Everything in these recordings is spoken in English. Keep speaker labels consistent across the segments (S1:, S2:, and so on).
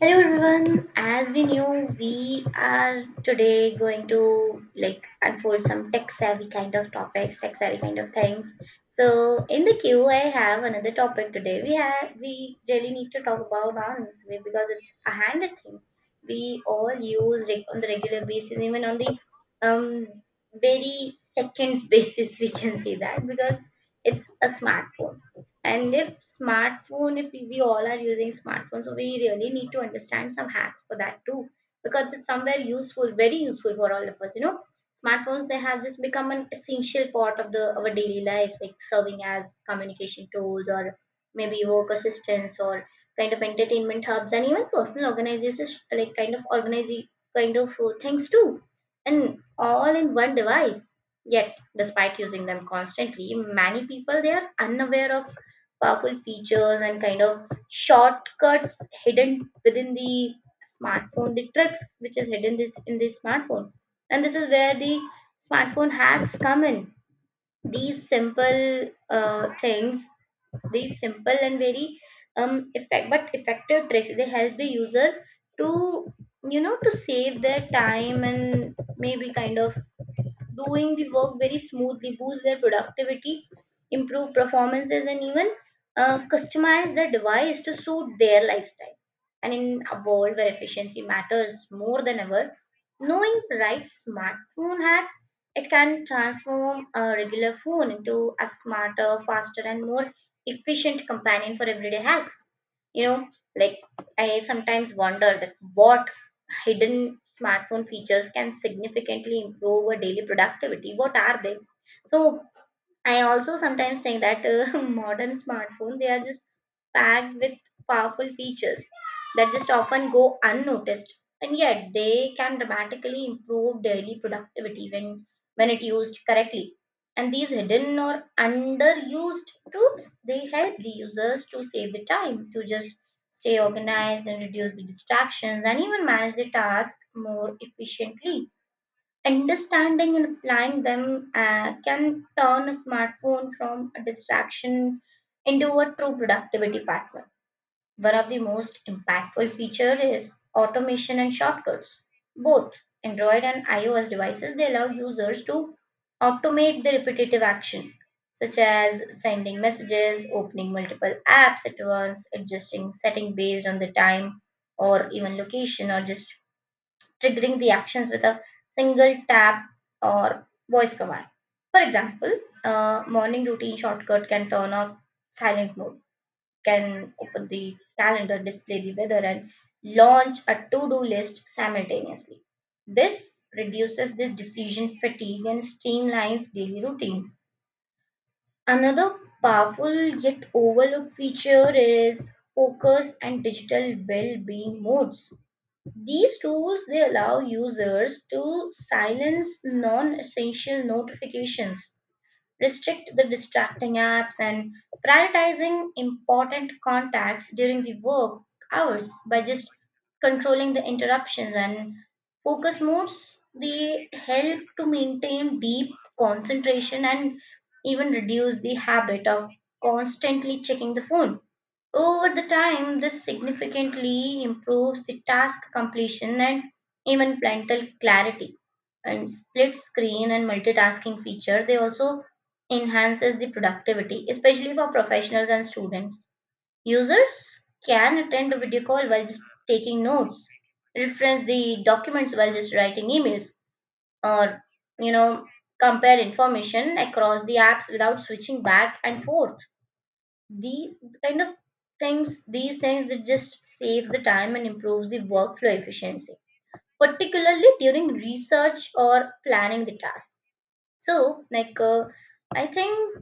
S1: Hello everyone. As we knew, we are today going to like unfold some tech-savvy kind of topics, tech-savvy kind of things. So in the queue, I have another topic today. We really need to talk about on because it's a handed thing. We all use on the regular basis, even on the um very seconds basis. We can say that because it's a smartphone and if smartphone, if we all are using smartphone, so we really need to understand some hacks for that too, because it's somewhere useful, very useful for all of us. You know, smartphones they have just become an essential part of the our daily life, like serving as communication tools or maybe work assistants or kind of entertainment hubs and even personal organizations like kind of organizing kind of things too, and all in one device. Yet, despite using them constantly, many people they are unaware of powerful features and kind of shortcuts hidden within the smartphone, the tricks which is hidden this in the smartphone. And this is where the smartphone hacks come in. These simple things, these simple and very effective tricks, they help the user to you know to save their time and maybe kind of doing the work very smoothly, boost their productivity, improve performances, and even customize the device to suit their lifestyle. And in a world where efficiency matters more than ever, knowing the right smartphone hack, it can transform a regular phone into a smarter, faster, and more efficient companion for everyday hacks. You know, like I sometimes wonder that what hidden smartphone features can significantly improve our daily productivity. What are they? So I also sometimes think that modern smartphone they are just packed with powerful features that just often go unnoticed, and yet they can dramatically improve daily productivity when it used correctly. And these hidden or underused tools they help the users to save the time to just stay organized and reduce the distractions and even manage the task more efficiently understanding and applying them can turn a smartphone from a distraction into a true productivity partner. One of the most impactful features is automation and shortcuts. Both Android and iOS devices they allow users to automate the repetitive action such as sending messages, opening multiple apps at once, adjusting setting based on the time or even location or just triggering the actions with a single tap or voice command. For example, a morning routine shortcut can turn off silent mode, can open the calendar, display the weather, and launch a to do list simultaneously. This reduces the decision fatigue and streamlines daily routines. Another powerful yet overlooked feature is focus and digital well being modes. These tools they allow users to silence non-essential notifications, restrict the distracting apps, and prioritizing important contacts during the work hours by just controlling the interruptions and focus modes. They help to maintain deep concentration and even reduce the habit of constantly checking the phone. Over the time, this significantly improves the task completion and even mental clarity. And split screen and multitasking feature, they also enhances the productivity, especially for professionals and students. Users can attend a video call while just taking notes, reference the documents while just writing emails, or you know, compare information across the apps without switching back and forth the kind of things, these things that just saves the time and improves the workflow efficiency particularly during research or planning the task. So like, I think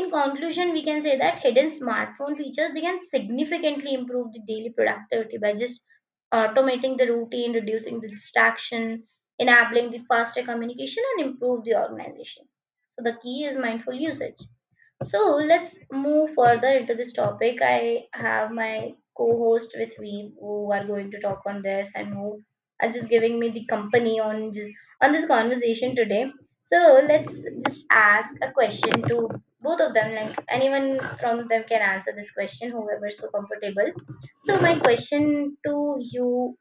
S1: in conclusion we can say that hidden smartphone features they can significantly improve the daily productivity by just automating the routine, reducing the distraction, enabling the faster communication and improve the organization. So the key is mindful usage. So let's move further into this topic. I have my co-host with me who are going to talk on this and who are just giving me the company on just on this conversation today. So let's just ask a question to both of them. Like anyone from them can answer this question, whoever is so comfortable. So my question to you,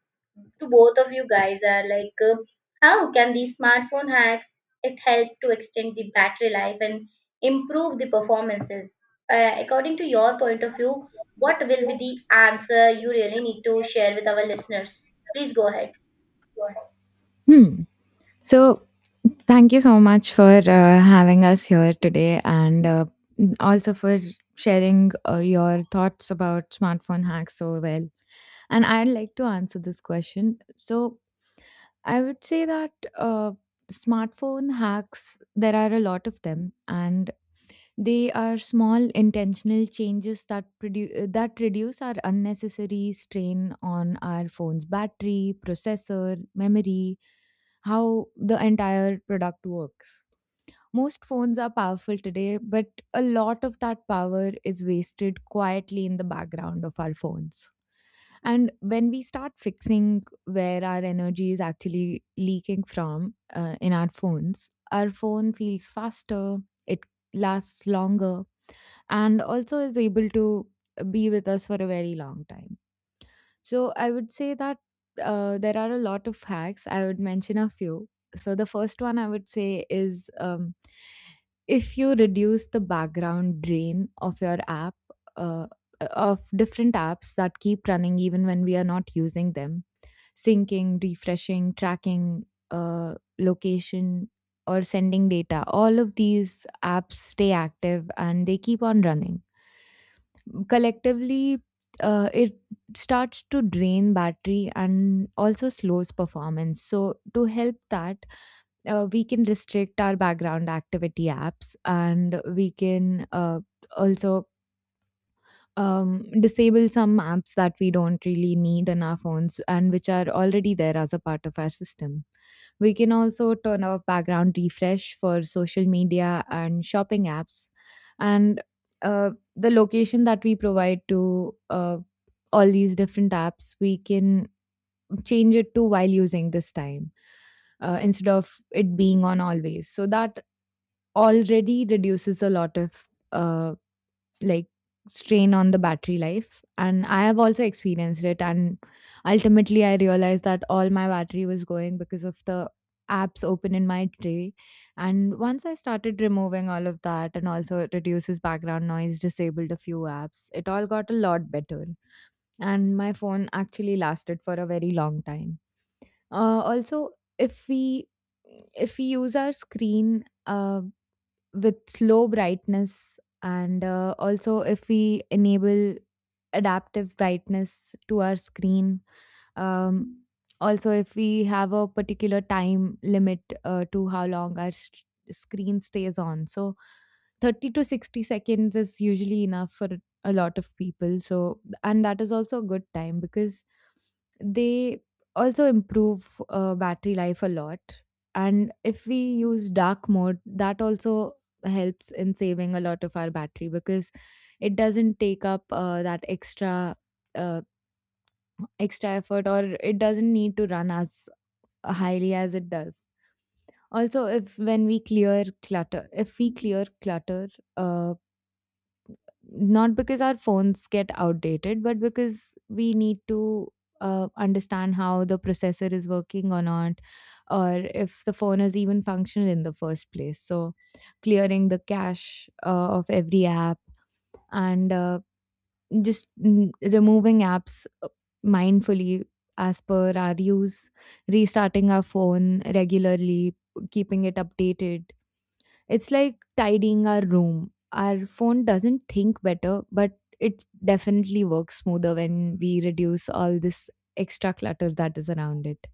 S1: to both of you guys, are like, how can these smartphone hacks it help to extend the battery life and improve the performances. According to your point of view, what will be the answer you really need to share with our listeners? Please go ahead.
S2: Hmm. So, thank you so much for having us here today and also for sharing your thoughts about smartphone hacks so well. And I'd like to answer this question. So, I would say that uh, smartphone hacks, there are a lot of them. And they are small intentional changes that that reduce our unnecessary strain on our phone's battery, processor, memory, how the entire product works. Most phones are powerful today, but a lot of that power is wasted quietly in the background of our phones. And when we start fixing where our energy is actually leaking from in our phones, our phone feels faster, it lasts longer, and also is able to be with us for a very long time. So I would say that there are a lot of hacks. I would mention a few. So the first one I would say is if you reduce the background drain of your app, uh, of different apps that keep running even when we are not using them, syncing, refreshing, tracking, location, or sending data. All of these apps stay active and they keep on running collectively. It starts to drain battery and also slows performance. So to help that, we can restrict our background activity apps, and we can also disable some apps that we don't really need in our phones and which are already there as a part of our system. We can also turn off background refresh for social media and shopping apps. And uh, the location that we provide to all these different apps, we can change it to while using this time instead of it being on always. So that already reduces a lot of like strain on the battery life, and I have also experienced it, and ultimately I realized that all my battery was going because of the apps open in my tray. And once I started removing all of that, and also it reduces background noise, disabled a few apps, it all got a lot better, and my phone actually lasted for a very long time. Also, if we if we use our screen with low brightness, and also if we enable adaptive brightness to our screen, um, also if we have a particular time limit to how long our screen stays on, so 30 to 60 seconds is usually enough for a lot of people. So, and that is also a good time because they also improve battery life a lot. And if we use dark mode, that also helps in saving a lot of our battery because it doesn't take up that extra uh, extra effort, or it doesn't need to run as highly as it does. Also, if when we clear clutter, uh, not because our phones get outdated but because we need to understand how the processor is working or not, or if the phone is even functional in the first place. So clearing the cache of every app, and just removing apps mindfully as per our use, restarting our phone regularly, keeping it updated, it's like tidying our room. Our phone doesn't think better, but it definitely works smoother when we reduce all this extra clutter that is around it.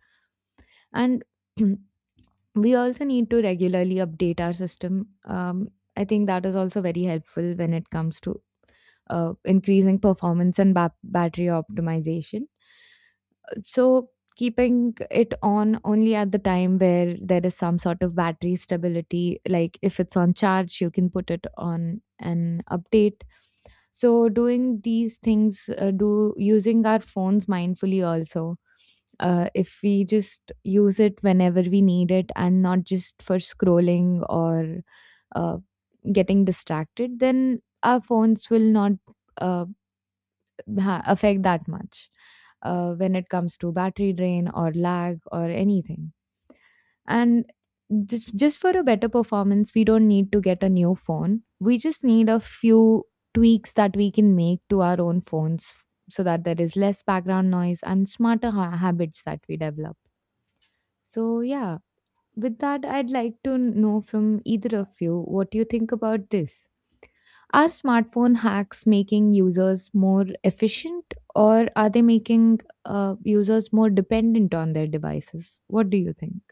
S2: And we also need to regularly update our system. I think that is also very helpful when it comes to increasing performance and battery optimization. So keeping it on only at the time where there is some sort of battery stability, like if it's on charge, you can put it on an update. So doing these things, do using our phones mindfully also. If we just use it whenever we need it and not just for scrolling or uh, getting distracted, then our phones will not uh, affect that much when it comes to battery drain or lag or anything. And just for a better performance, we don't need to get a new phone. We just need a few tweaks that we can make to our own phones, so that there is less background noise and smarter habits that we develop. So yeah, with that, I'd like to know from either of you what you think about this. Are smartphone hacks making users more efficient, or are they making users more dependent on their devices? What do you think?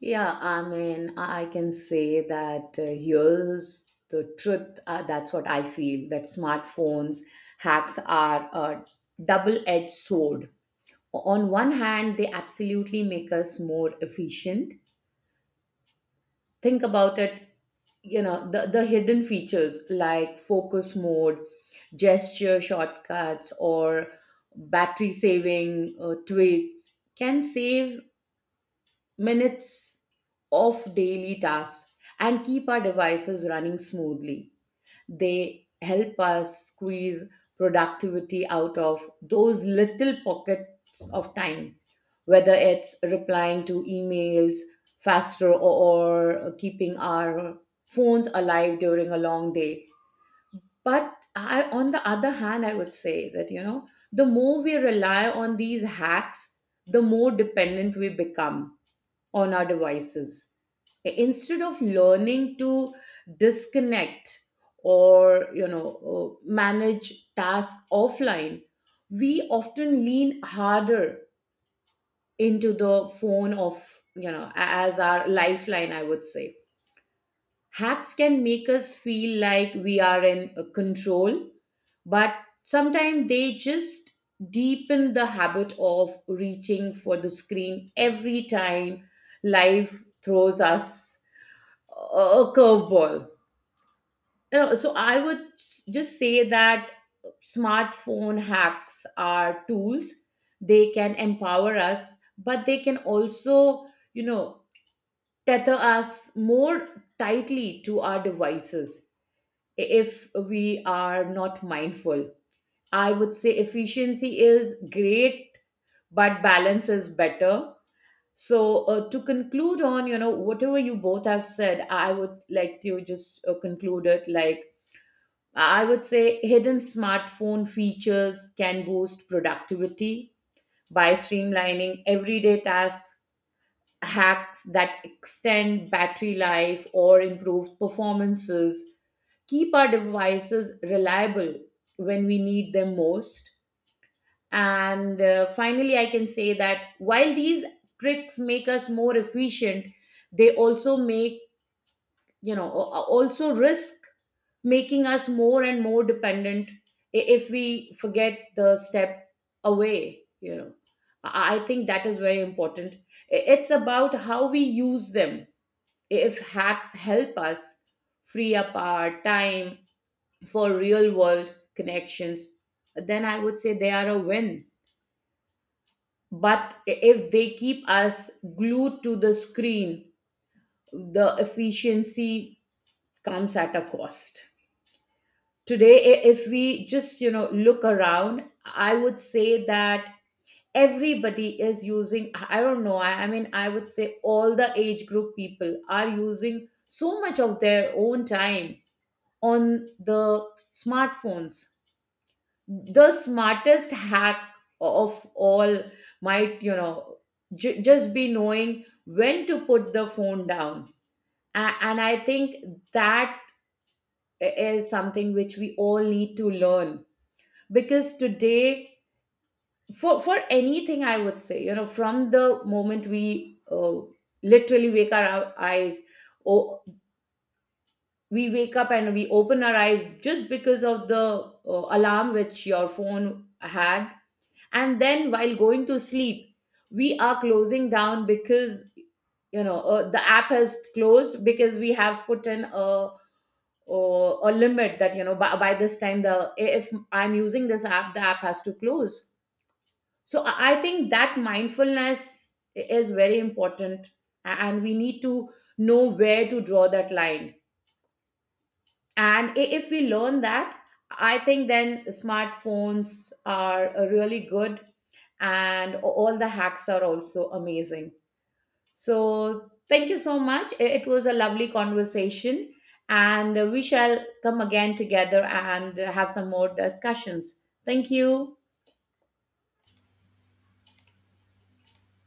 S3: Yeah, I mean, I can say that here's the truth. That's what I feel that smartphones hacks are a double edged sword. On one hand, they absolutely make us more efficient. Think about it, the hidden features like focus mode, gesture shortcuts, or battery saving tweaks can save minutes of daily tasks and keep our devices running smoothly. They help us squeeze productivity out of those little pockets of time, whether it's replying to emails faster or keeping our phones alive during a long day. But I, on the other hand, I would say that, the more we rely on these hacks, the more dependent we become on our devices instead of learning to disconnect or manage tasks offline. We often lean harder into the phone of as our lifeline. I would say hacks can make us feel like we are in control, but sometimes they just deepen the habit of reaching for the screen every time life throws us a curveball. So I would just say that smartphone hacks are tools. They can empower us, but they can also, you know, tether us more tightly to our devices if we are not mindful. I would say efficiency is great, but balance is better. So, to conclude on, whatever you both have said, I would like to just conclude it like I would say hidden smartphone features can boost productivity by streamlining everyday tasks, hacks that extend battery life or improve performances, keep our devices reliable when we need them most. And finally, I can say that while these tricks make us more efficient, they also make also risk making us more and more dependent if we forget the step away. I I think that is very important. It's about how we use them. If hacks help us free up our time for real world connections, then I would say they are a win. But if they keep us glued to the screen, the efficiency comes at a cost. Today if we just look around, I would say that everybody is using I don't know I mean I would say all the age group people are using so much of their own time on the smartphones. The smartest hack of all might, just be knowing when to put the phone down. And I think that is something which we all need to learn. Because today, for anything, I would say, from the moment we literally wake our eyes, or we wake up and we open our eyes just because of the alarm which your phone had. And then while going to sleep, we are closing down because the app has closed because we have put in a or a limit that, by this time, the if I'm using this app, the app has to close. So I think that mindfulness is very important. And we need to know where to draw that line. And if we learn that, I think then smartphones are really good and all the hacks are also amazing. So thank you so much. It was a lovely conversation, and we shall come again together and have some more discussions. Thank you.